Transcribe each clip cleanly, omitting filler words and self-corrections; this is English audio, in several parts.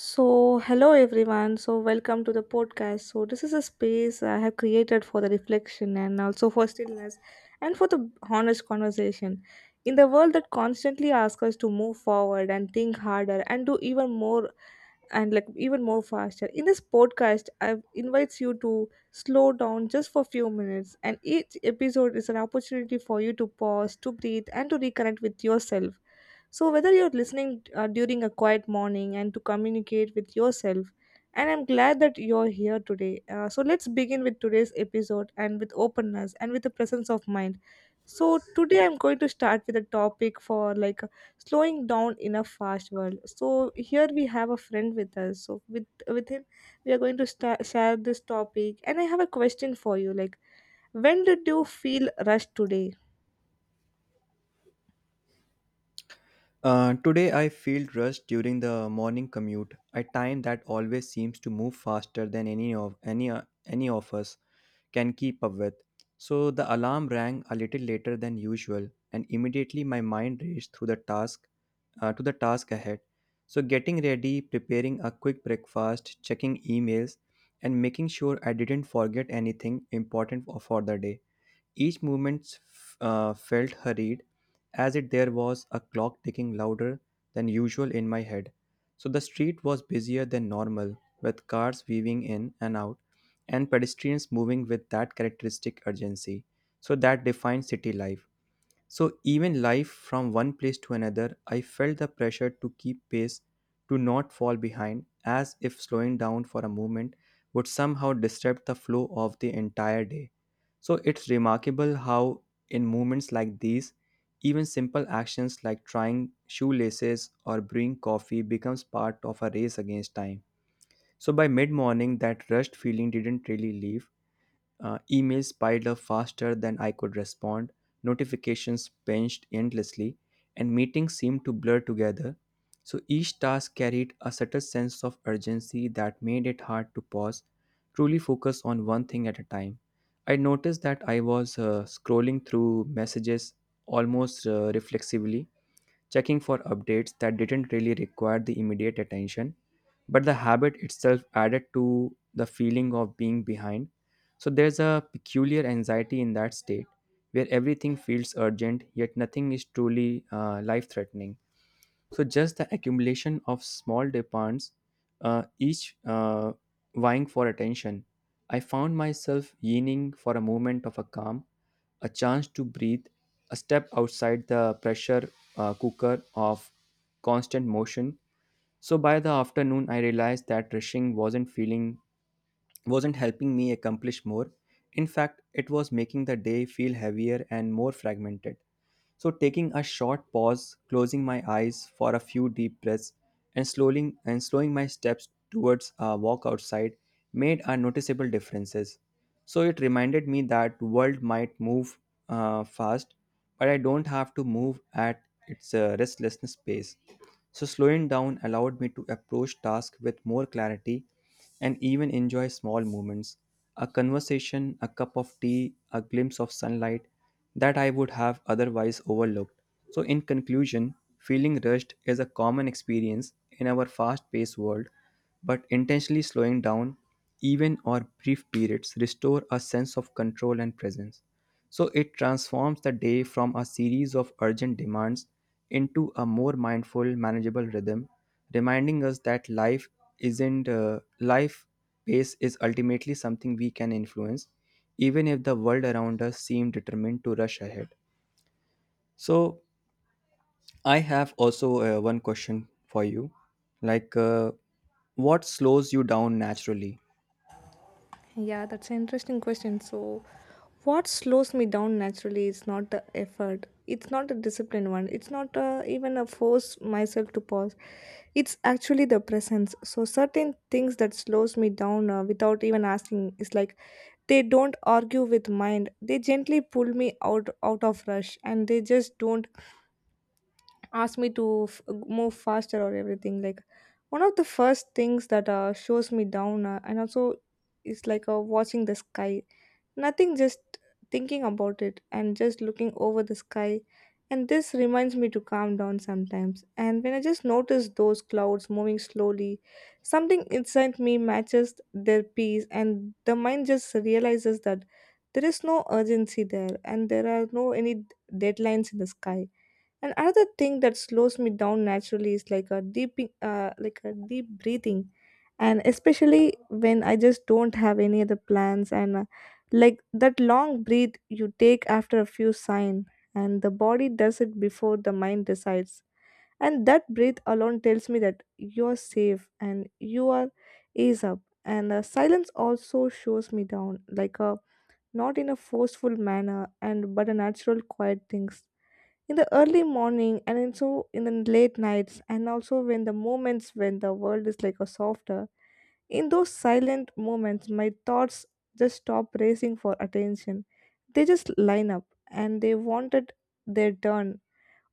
Hello everyone. Welcome to the podcast. This is a space I have created for the reflection and also for stillness and for the honest conversation. In the world that constantly asks us to move forward and think harder and do even more and like even more faster. In this podcast, I invites you to slow down just for a few minutes and each episode is an opportunity for you to pause, to breathe and to reconnect with yourself. So, whether you're listening during a quiet morning and to communicate with yourself, and I'm glad that you're here today. So, let's begin with today's episode and with openness and with the presence of mind. So, today I'm going to start with a topic for like slowing down in a fast world. So, here we have a friend with us. So, with him, we are going to sta share this topic. And I have a question for you like, when did you feel rushed today? Today I feel rushed during the morning commute, a time that always seems to move faster than any of us can keep up with. So the alarm rang a little later than usual, and immediately my mind raced through the task to the task ahead. So getting ready, preparing a quick breakfast, checking emails, and making sure I didn't forget anything important for the day. Each movement felt hurried, as if there was a clock ticking louder than usual in my head. So the street was busier than normal, with cars weaving in and out, and pedestrians moving with that characteristic urgency. So that defines city life. So even life from one place to another, I felt the pressure to keep pace, to not fall behind, as if slowing down for a moment would somehow disrupt the flow of the entire day. So it's remarkable how in moments like these, even simple actions like trying shoelaces or brewing coffee becomes part of a race against time. So by mid-morning that rushed feeling didn't really leave. Emails piled up faster than I could respond, notifications pinched endlessly, and meetings seemed to blur together. So each task carried a subtle sense of urgency that made it hard to pause, truly focus on one thing at a time. I noticed that I was scrolling through messages almost reflexively, checking for updates that didn't really require the immediate attention, but the habit itself added to the feeling of being behind. So there's a peculiar anxiety in that state where everything feels urgent, yet nothing is truly life threatening. So just the accumulation of small demands, each vying for attention. I found myself yearning for a moment of a calm, a chance to breathe, a step outside the pressure cooker of constant motion. So by the afternoon, I realized that rushing wasn't helping me accomplish more. In fact, it was making the day feel heavier and more fragmented. So, taking a short pause, closing my eyes for a few deep breaths, and slowing my steps towards a walk outside made a noticeable differences. So it reminded me that world might move fast, but I don't have to move at its restlessness pace. So slowing down allowed me to approach tasks with more clarity and even enjoy small moments. A conversation, a cup of tea, a glimpse of sunlight that I would have otherwise overlooked. So, in conclusion, feeling rushed is a common experience in our fast paced world, but intentionally slowing down, even or brief periods, restore a sense of control and presence. So, it transforms the day from a series of urgent demands into a more mindful, manageable rhythm, reminding us that life isn't life pace is ultimately something we can influence even if the world around us seemed determined to rush ahead. So, I have also one question for you like, what slows you down naturally? Yeah, that's an interesting question. So, what slows me down naturally is not the effort. It's not a disciplined one. It's not even a force myself to pause. It's actually the presence. So, certain things that slows me down without even asking is like they don't argue with mind. They gently pull me out of rush, and they just don't ask me to move faster or everything. Like one of the first things that shows me down, and also is like watching the sky. Nothing, just thinking about it and just looking over the sky. And this reminds me to calm down sometimes. And when I just notice those clouds moving slowly, something inside me matches their peace, and the mind just realizes that there is no urgency there and there are no any deadlines in the sky. And another thing that slows me down naturally is like a deep breathing, and especially when I just don't have any other plans, and like that long breath you take after a few sign, and the body does it before the mind decides, and that breath alone tells me that you are safe and you are ease up. And silence also shows me down, like a not in a forceful manner, and but a natural quiet things in the early morning and in so in the late nights and also when the moments when the world is like a softer. In those silent moments my thoughts just stop racing for attention. They just line up and they wanted their turn.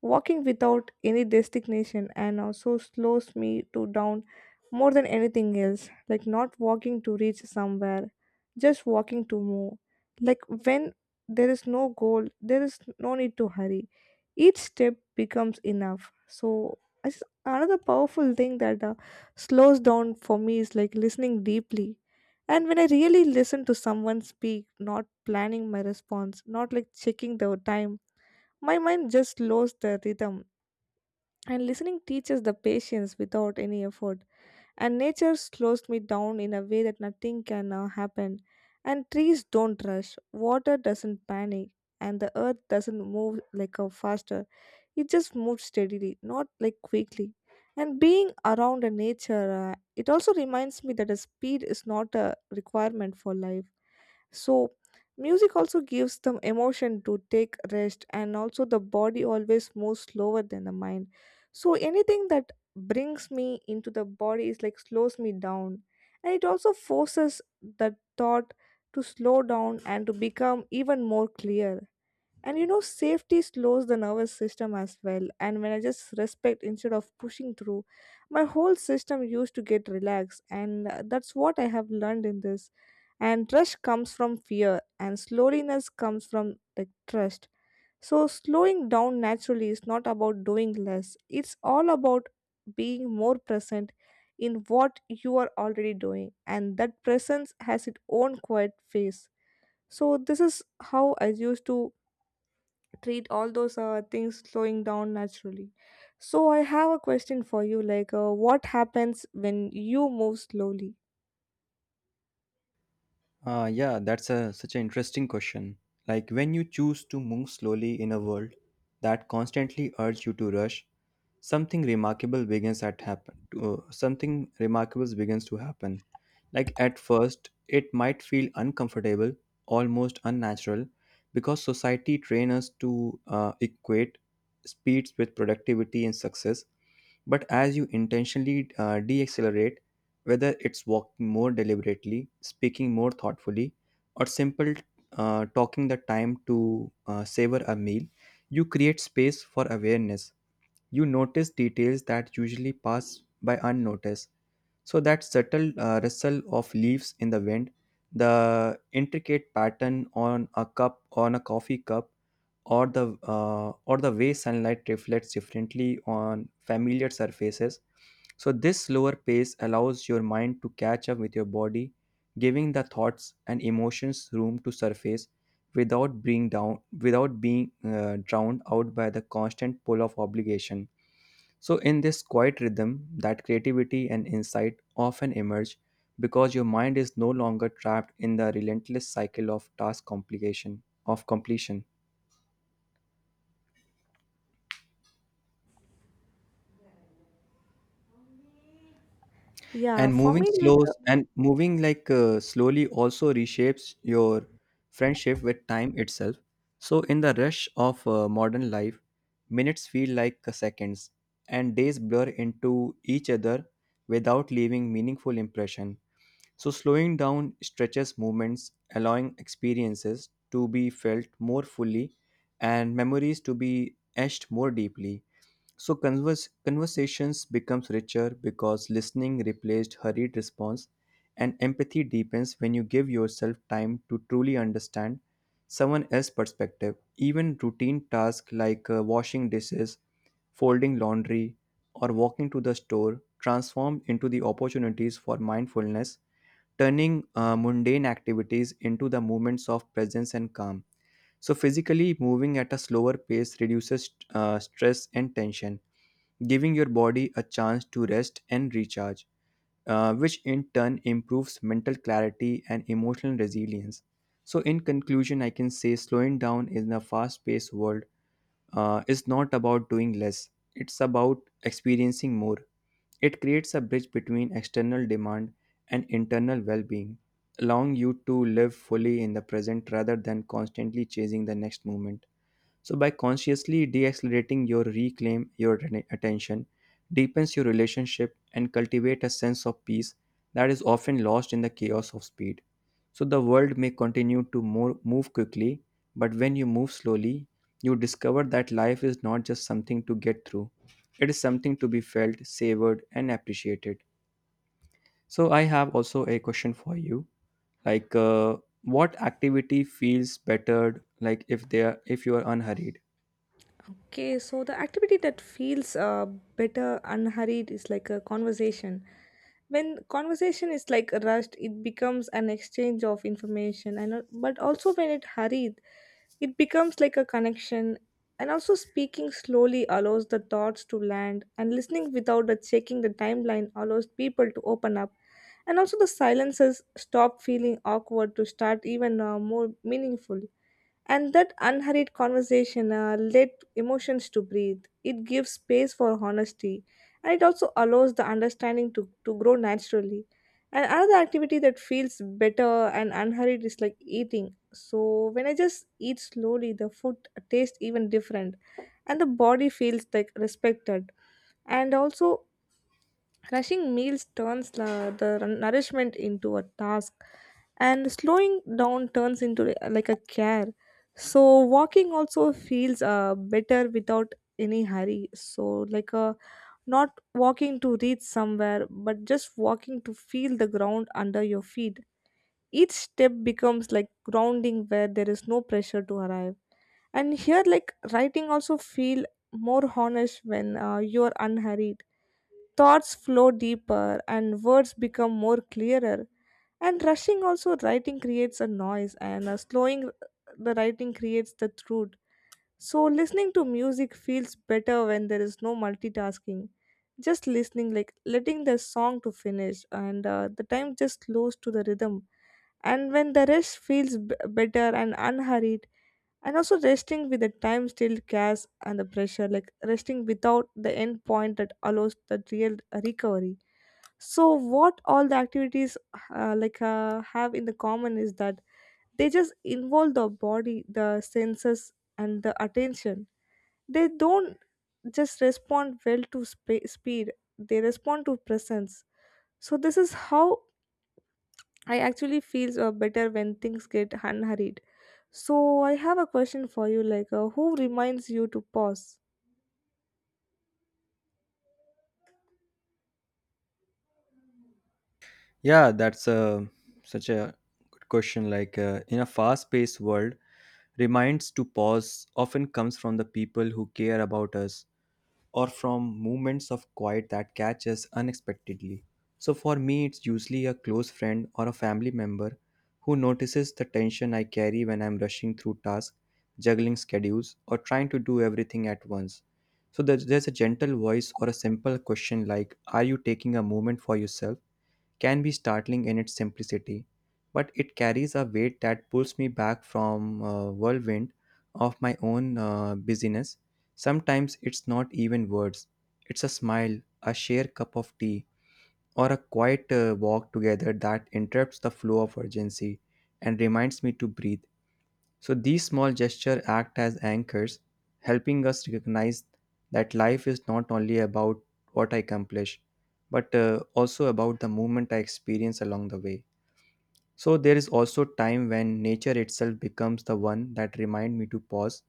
Walking without any destination and also slows me to down more than anything else. Like not walking to reach somewhere, just walking to move. Like when there is no goal, there is no need to hurry. Each step becomes enough. So another powerful thing that slows down for me is like listening deeply. And when I really listen to someone speak, not planning my response, not like checking the time, my mind just slows the rhythm and listening teaches the patience without any effort. And nature slows me down in a way that nothing can happen. And trees don't rush, water doesn't panic and the earth doesn't move like a faster. It just moves steadily, not like quickly. And being around the nature it also reminds me that a speed is not a requirement for life. So, music also gives them emotion to take rest, and also the body always moves slower than the mind. So, anything that brings me into the body is like slows me down, and it also forces the thought to slow down and to become even more clear. And you know, safety slows the nervous system as well. And when I just respect instead of pushing through, my whole system used to get relaxed. And that's what I have learned in this. And rush comes from fear, and slowness comes from like trust. So, slowing down naturally is not about doing less, it's all about being more present in what you are already doing. And that presence has its own quiet phase. So, this is how I used to treat all those things slowing down naturally. So I have a question for you like what happens when you move slowly? Yeah, that's such an interesting question. Like when you choose to move slowly in a world that constantly urges you to rush, something remarkable begins at happen. Something remarkable begins to happen. Like at first, it might feel uncomfortable, almost unnatural, because society trains us to equate speeds with productivity and success. But as you intentionally de whether it's walking more deliberately, speaking more thoughtfully, or simple talking the time to savor a meal, you create space for awareness. You notice details that usually pass by unnoticed, so that subtle rustle of leaves in the wind, the intricate pattern on a coffee cup, or the way sunlight reflects differently on familiar surfaces. So this slower pace allows your mind to catch up with your body, giving the thoughts and emotions room to surface without being down without being drowned out by the constant pull of obligation. So, in this quiet rhythm, that creativity and insight often emerge because your mind is no longer trapped in the relentless cycle of task complication of completion. Yeah, And for moving me like slows and moving like slowly also reshapes your friendship with time itself. So, in the rush of modern life, minutes feel like seconds, and days blur into each other without leaving meaningful impression. So, slowing down stretches movements, allowing experiences to be felt more fully and memories to be etched more deeply. So, conversations becomes richer because listening replaced hurried response and empathy deepens when you give yourself time to truly understand someone else's perspective. Even routine tasks like washing dishes, folding laundry, or walking to the store transform into the opportunities for mindfulness, turning mundane activities into the moments of presence and calm. So, physically moving at a slower pace reduces stress and tension, giving your body a chance to rest and recharge, which in turn improves mental clarity and emotional resilience. So, in conclusion, I can say slowing down in a fast paced world is not about doing less, it's about experiencing more. It creates a bridge between external demand and internal well being, allowing you to live fully in the present rather than constantly chasing the next moment. So, by consciously accelerating your reclaim your attention, deepens your relationship, and cultivate a sense of peace that is often lost in the chaos of speed. So, the world may continue to move quickly, but when you move slowly, you discover that life is not just something to get through, it is something to be felt, savored, and appreciated. So, I have also a question for you like, what activity feels better, like if they are if you are unhurried? okay, so the activity that feels better unhurried is like a conversation. When conversation is like rushed it becomes an exchange of information and but also when it hurried it becomes like a connection. And also speaking slowly allows the thoughts to land and listening without the checking the timeline allows people to open up and also the silences stop feeling awkward to start even more meaningful. And that unhurried conversation let emotions to breathe. It gives space for honesty and it also allows the understanding to grow naturally. And another activity that feels better and unhurried is like eating. So when I just eat slowly, the food tastes even different and the body feels like respected and also rushing meals turns the nourishment into a task, and slowing down turns into like a care. So walking also feels better without any hurry. So like not walking to reach somewhere, but just walking to feel the ground under your feet. Each step becomes like grounding where there is no pressure to arrive. And here, like writing also feel more honest when you are unhurried. Thoughts flow deeper and words become more clearer. And rushing also writing creates a noise and slowing the writing creates the truth. So listening to music feels better when there is no multitasking. Just listening, like letting the song to finish, and the time just flows to the rhythm. And when the rest feels better and unhurried, and also resting with the time still gas and the pressure like resting without the end point that allows the real recovery. So what all the activities have in the common is that they just involve the body, the senses and the attention. They don't just respond well to speed, they respond to presence. So this is how I actually feel better when things get unhurried. So I have a question for you like who reminds you to pause? Yeah, that's a such a good question. Like in a fast paced world, reminds to pause often comes from the people who care about us or from moments of quiet that catch us unexpectedly. So for me, it's usually a close friend or a family member who notices the tension I carry when I'm rushing through tasks, juggling schedules, or trying to do everything at once. So there's a gentle voice or a simple question like, "Are you taking a moment for yourself?" can be startling in its simplicity, but it carries a weight that pulls me back from a whirlwind of my own busyness. Sometimes it's not even words, it's a smile, a shared cup of tea, or a quiet walk together that interrupts the flow of urgency and reminds me to breathe. So these small gestures act as anchors, helping us recognize that life is not only about what I accomplish, but also about the moment I experience along the way. So there is also time when nature itself becomes the one that reminds me to pause.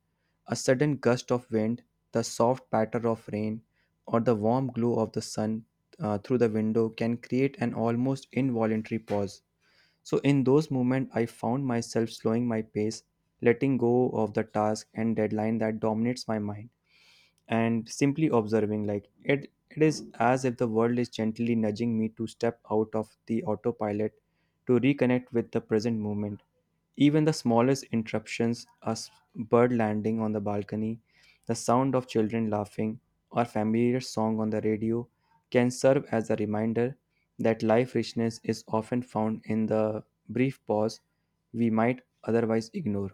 A sudden gust of wind, the soft patter of rain, or the warm glow of the sun through the window can create an almost involuntary pause. So, in those moments, I found myself slowing my pace, letting go of the task and deadline that dominates my mind and simply observing, like it is as if the world is gently nudging me to step out of the autopilot to reconnect with the present moment. Even the smallest interruptions, a bird landing on the balcony, the sound of children laughing, or familiar song on the radio, can serve as a reminder that life richness is often found in the brief pause we might otherwise ignore.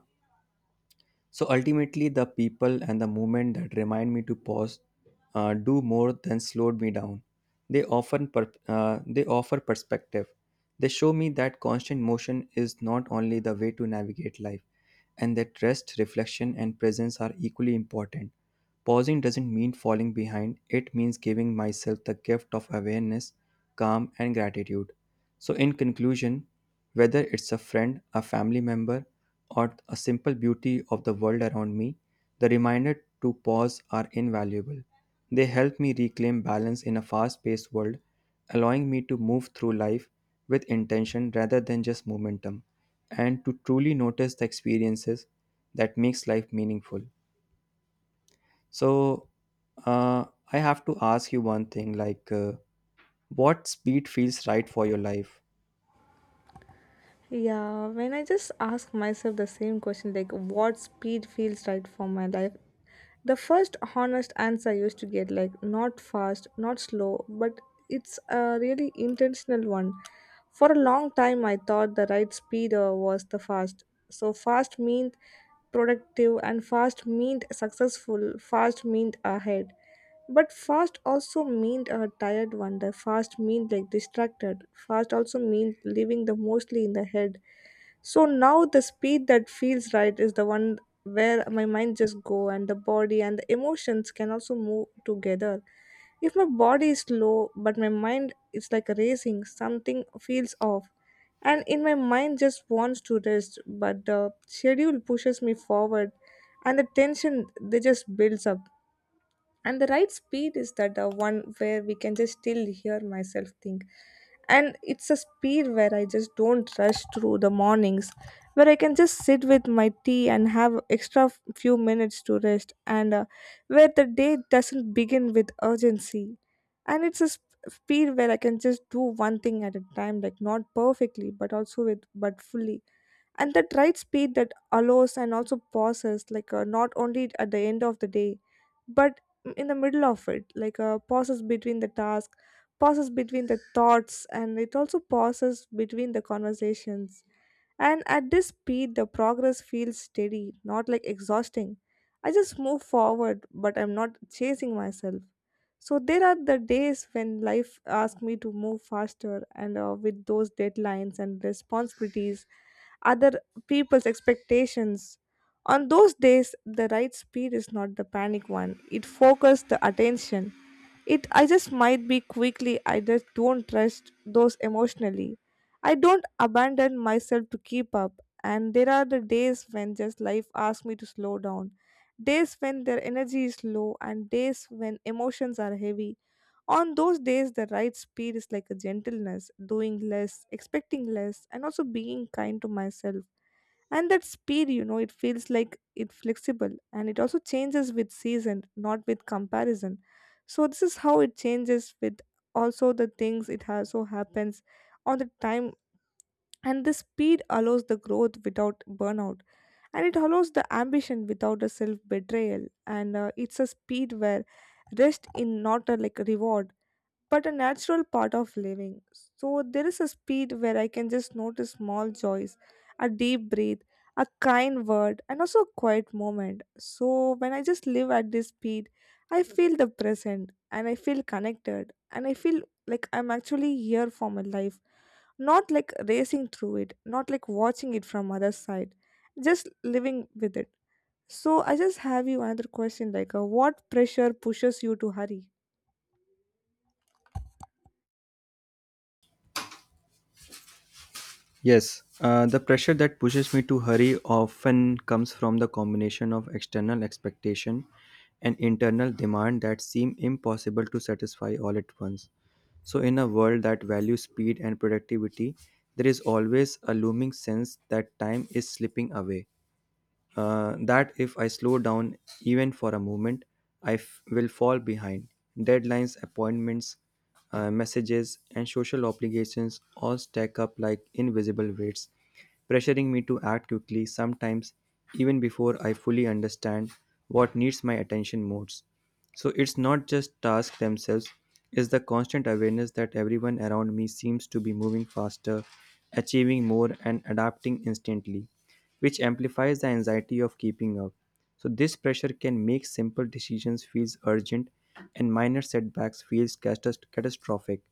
So ultimately, the people and the movement that remind me to pause do more than slowed me down. They often per- they offer perspective. They show me that constant motion is not only the way to navigate life, and that rest, reflection, and presence are equally important. Pausing doesn't mean falling behind, it means giving myself the gift of awareness, calm, and gratitude. So, in conclusion, whether it's a friend, a family member, or a simple beauty of the world around me, the reminder to pause are invaluable. They help me reclaim balance in a fast paced world, allowing me to move through life with intention rather than just momentum, and to truly notice the experiences that makes life meaningful. So, uh, I have to ask you one thing like, what speed feels right for your life? Yeah, when I just ask myself the same question like what speed feels right for my life, the first honest answer I used to get like not fast, not slow, but it's a really intentional one. For a long time, I thought the right speed was the fast. So fast meant productive, and fast meant successful. Fast meant ahead. But fast also meant a tired one. The fast meant like distracted. Fast also meant living the mostly in the head. So now the speed that feels right is the one where my mind just go and the body and the emotions can also move together. If my body is slow but my mind is like racing, something feels off. And in my mind just wants to rest, but the schedule pushes me forward and the tension they just builds up and the right speed is that the one where we can just still hear myself think and it's a speed where I just don't rush through the mornings where I can just sit with my tea and have extra few minutes to rest and where the day doesn't begin with urgency. And it's a speed where I can just do one thing at a time like not perfectly but also with but fully. And that right speed that allows and also pauses like not only at the end of the day but in the middle of it like pauses between the task, pauses between the thoughts and it also pauses between the conversations. And at this speed the progress feels steady, not like exhausting. I just move forward but I'm not chasing myself. So there are the days when life asks me to move faster and with those deadlines and responsibilities, other people's expectations. On those days, the right speed is not the panic one, it focuses the attention. It I just might be quickly, I just don't trust those emotionally. I don't abandon myself to keep up, and there are the days when just life asks me to slow down, days when their energy is low, and days when emotions are heavy. On those days, the right speed is like a gentleness, doing less, expecting less, and also being kind to myself. And that speed, you know, it feels like it flexible and it also changes with season, not with comparison. So this is how it changes with also the things it has so happens on the time, and the speed allows the growth without burnout, and it allows the ambition without a self betrayal, and it's a speed where rest in not a like reward but a natural part of living. So there is a speed where I can just notice small joys, a deep breath, a kind word, and also a quiet moment. So when I just live at this speed, I feel the present and I feel connected and I feel like I'm actually here for my life, not like racing through it, not like watching it from other side, just living with it. So I just have you another question like what pressure pushes you to hurry? Yes, the pressure that pushes me to hurry often comes from the combination of external expectation and internal demand that seem impossible to satisfy all at once. So, in a world that values speed and productivity, there is always a looming sense that time is slipping away, that if I slow down even for a moment, will fall behind. Deadlines, appointments, messages, and social obligations all stack up like invisible weights, pressuring me to act quickly, sometimes even before I fully understand what needs my attention most. So it's not just tasks themselves, it's the constant awareness that everyone around me seems to be moving faster, achieving more, and adapting instantly, which amplifies the anxiety of keeping up. So this pressure can make simple decisions feels urgent and minor setbacks feels catastrophic,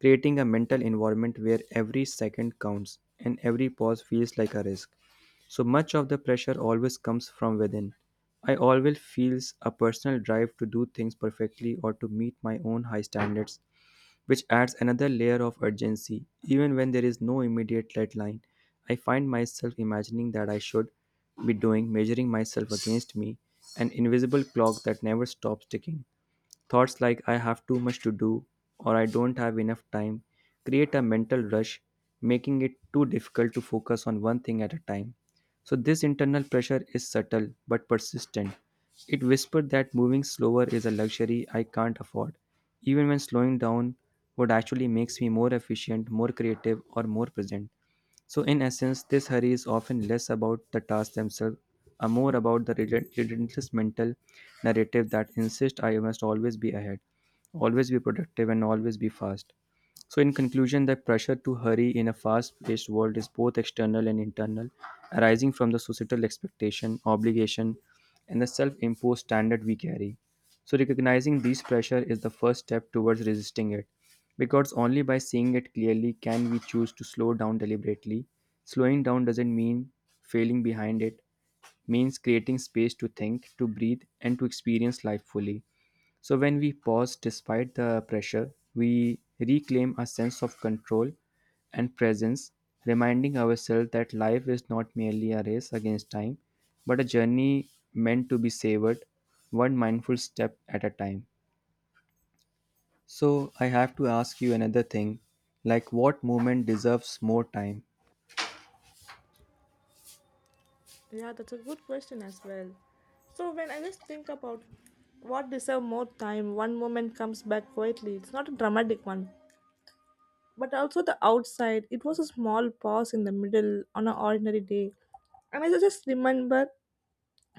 creating a mental environment where every second counts and every pause feels like a risk. So much of the pressure always comes from within. I always feels a personal drive to do things perfectly or to meet my own high standards, which adds another layer of urgency. Even when there is no immediate deadline, I find myself imagining that I should be doing, measuring myself against me, an invisible clock that never stops ticking. Thoughts like I have too much to do or I don't have enough time create a mental rush, making it too difficult to focus on one thing at a time. So, this internal pressure is subtle but persistent. It whispered that moving slower is a luxury I can't afford, even when slowing down would actually makes me more efficient, more creative, or more present. So, in essence, this hurry is often less about the tasks themselves and more about the relentless mental narrative that insists I must always be ahead, always be productive, and always be fast. So, in conclusion, the pressure to hurry in a fast paced world is both external and internal, arising from the societal expectation, obligation, and the self imposed standard we carry. So, recognizing this pressure is the first step towards resisting it, because only by seeing it clearly can we choose to slow down deliberately. Slowing down doesn't mean failing behind it, means creating space to think, to breathe, and to experience life fully. So when we pause despite the pressure, we reclaim a sense of control and presence, reminding ourselves that life is not merely a race against time, but a journey meant to be savored one mindful step at a time. So I have to ask you another thing, like what moment deserves more time? Yeah, that's a good question as well. So when I just think about what deserve more time, one moment comes back quietly. It's not a dramatic one, but also the outside. It was a small pause in the middle on an ordinary day, and I just remember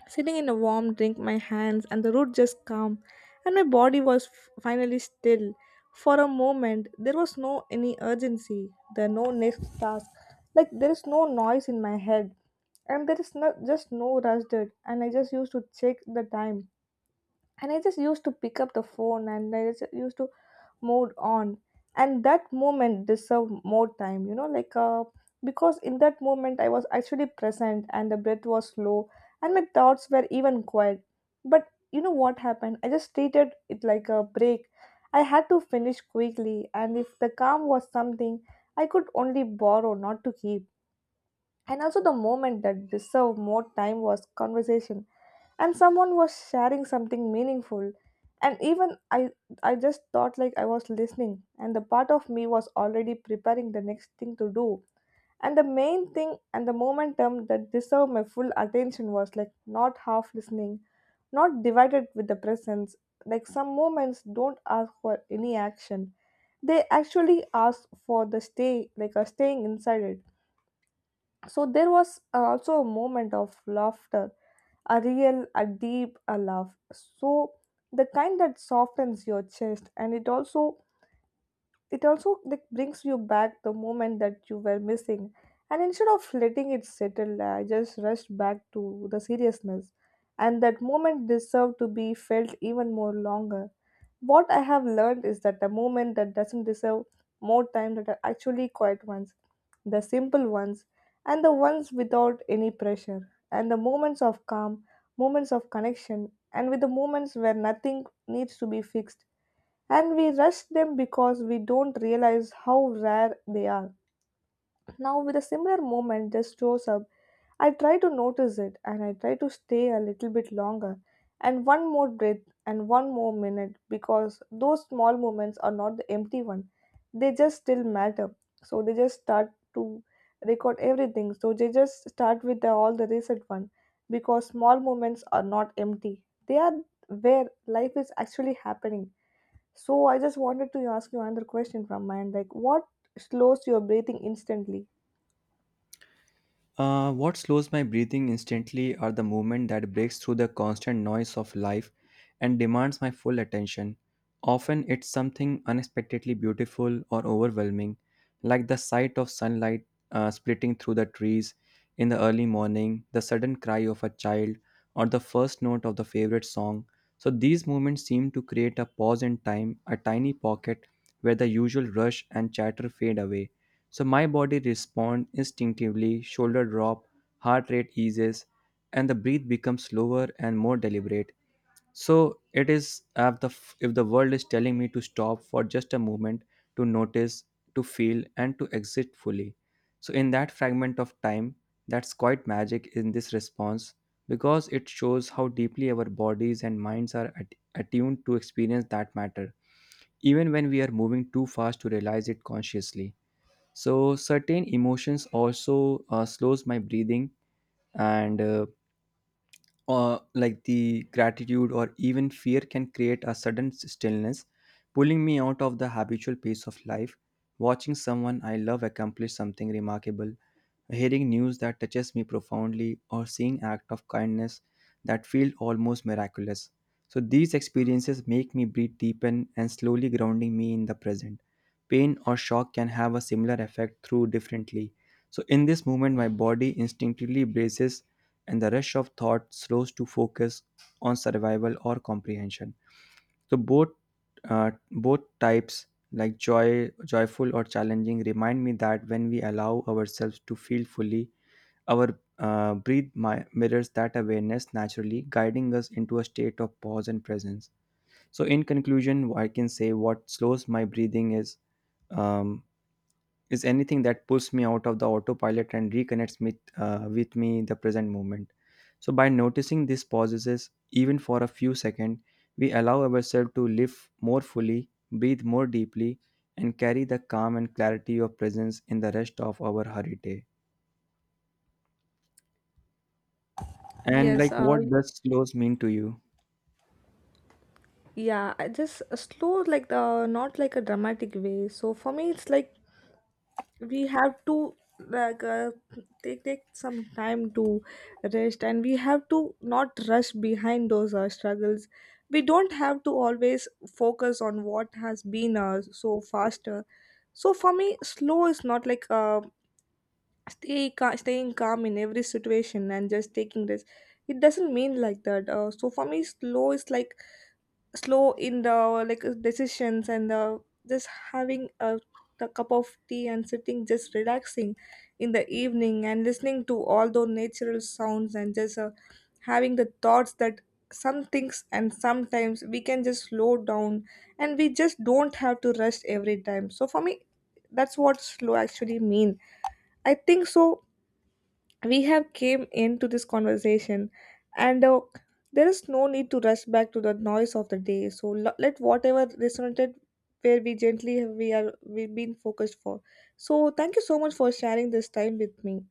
sitting in a warm drink, my hands and the root just calm, and my body was finally still. For a moment, there was no any urgency, there no next task, like there is no noise in my head, and there is not just no rush it, and I just used to check the time, and I just used to pick up the phone, and I just used to move on. And that moment deserved more time, you know, like because in that moment I was actually present, and the breath was slow, and my thoughts were even quiet. But you know what happened, I just treated it like a break. I had to finish quickly, and if the calm was something I could only borrow, not to keep. And also, the moment that deserved more time was conversation, and someone was sharing something meaningful. And even I just thought like I was listening, and the part of me was already preparing the next thing to do. And the main thing and the momentum that deserved my full attention was like not half listening, not divided with the presence. Like some moments don't ask for any action, they actually ask for the stay, like a staying inside it. So there was also a moment of laughter, a real, a deep a laugh. So the kind that softens your chest, and it also like brings you back the moment that you were missing. And instead of letting it settle, I just rushed back to the seriousness, and that moment deserved to be felt even more longer. What I have learned is that the moment that doesn't deserve more time, that are actually quiet ones, the simple ones, and the ones without any pressure, and the moments of calm, moments of connection, and with the moments where nothing needs to be fixed, and we rush them because we don't realize how rare they are. Now, with a similar moment just shows up, I try to notice it, and I try to stay a little bit longer, and one more breath, and one more minute, because those small moments are not the empty one. They just still matter. So they just start to record everything. So they just start with the, all the recent one, because small moments are not empty. They are where life is actually happening. So I just wanted to ask you another question from my end, like what slows your breathing instantly? What slows my breathing instantly are the movement that breaks through the constant noise of life and demands my full attention. Often it's something unexpectedly beautiful or overwhelming, like the sight of sunlight splitting through the trees in the early morning, the sudden cry of a child, or the first note of the favorite song. So these moments seem to create a pause in time, a tiny pocket where the usual rush and chatter fade away. So my body responds instinctively, shoulder drop, heart rate eases, and the breath becomes slower and more deliberate. So it is, if the world is telling me to stop for just a moment, to notice, to feel, and to exist fully. So in that fragment of time, that's quite magic in this response because it shows how deeply our bodies and minds are attuned to experience that matter, even when we are moving too fast to realize it consciously. So certain emotions also slows my breathing, and like the gratitude or even fear can create a sudden stillness, pulling me out of the habitual pace of life. Watching someone I love accomplish something remarkable, hearing news that touches me profoundly, or seeing act of kindness that feel almost miraculous, so these experiences make me breathe deepen and slowly, grounding me in the present. Pain or shock can have a similar effect through differently. So in this moment my body instinctively braces and the rush of thought slows to focus on survival or comprehension. So both, both types, like joy, joyful or challenging, remind me that when we allow ourselves to feel fully, our breathe mirrors that awareness naturally, guiding us into a state of pause and presence. So in conclusion, I can say what slows my breathing is. Um, is anything that pulls me out of the autopilot and reconnects me with me the present moment. So by noticing these pauses even for a few seconds, we allow ourselves to live more fully, breathe more deeply, and carry the calm and clarity of presence in the rest of our hurried day. And Yes, like, what does slows mean to you? yeah, I just slow, like the not like a dramatic way. So for me, it's like we have to like take some time to rest, and we have to not rush behind those struggles. We don't have to always focus on what has been so faster. So for me, slow is not like staying calm in every situation and just taking this, it doesn't mean like that, so for me slow is like slow in the like decisions, and just having a cup of tea, and sitting just relaxing in the evening and listening to all those natural sounds, and just having the thoughts that some things, and sometimes we can just slow down and we just don't have to rush every time. So for me, that's what slow actually mean. I think so we have came into this conversation, and there is no need to rush back to the noise of the day. So let whatever resonated where we gently we are we've been focused for. So thank you so much for sharing this time with me,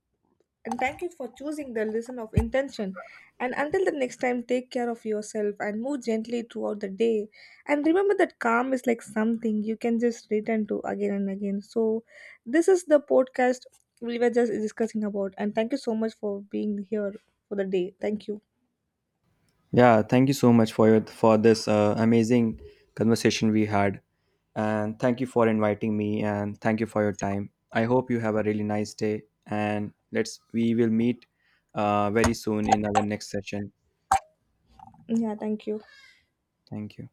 and thank you for choosing the lesson of intention. And until the next time, take care of yourself and move gently throughout the day. And remember that calm is like something you can just return to again and again. So, this is the podcast we were just discussing about. And thank you so much for being here for the day. Thank you. Yeah, thank you so much for your for this amazing conversation we had. And thank you for inviting me, and thank you for your time. I hope you have a really nice day, and let's we will meet very soon in our next session. Yeah, thank you. Thank you.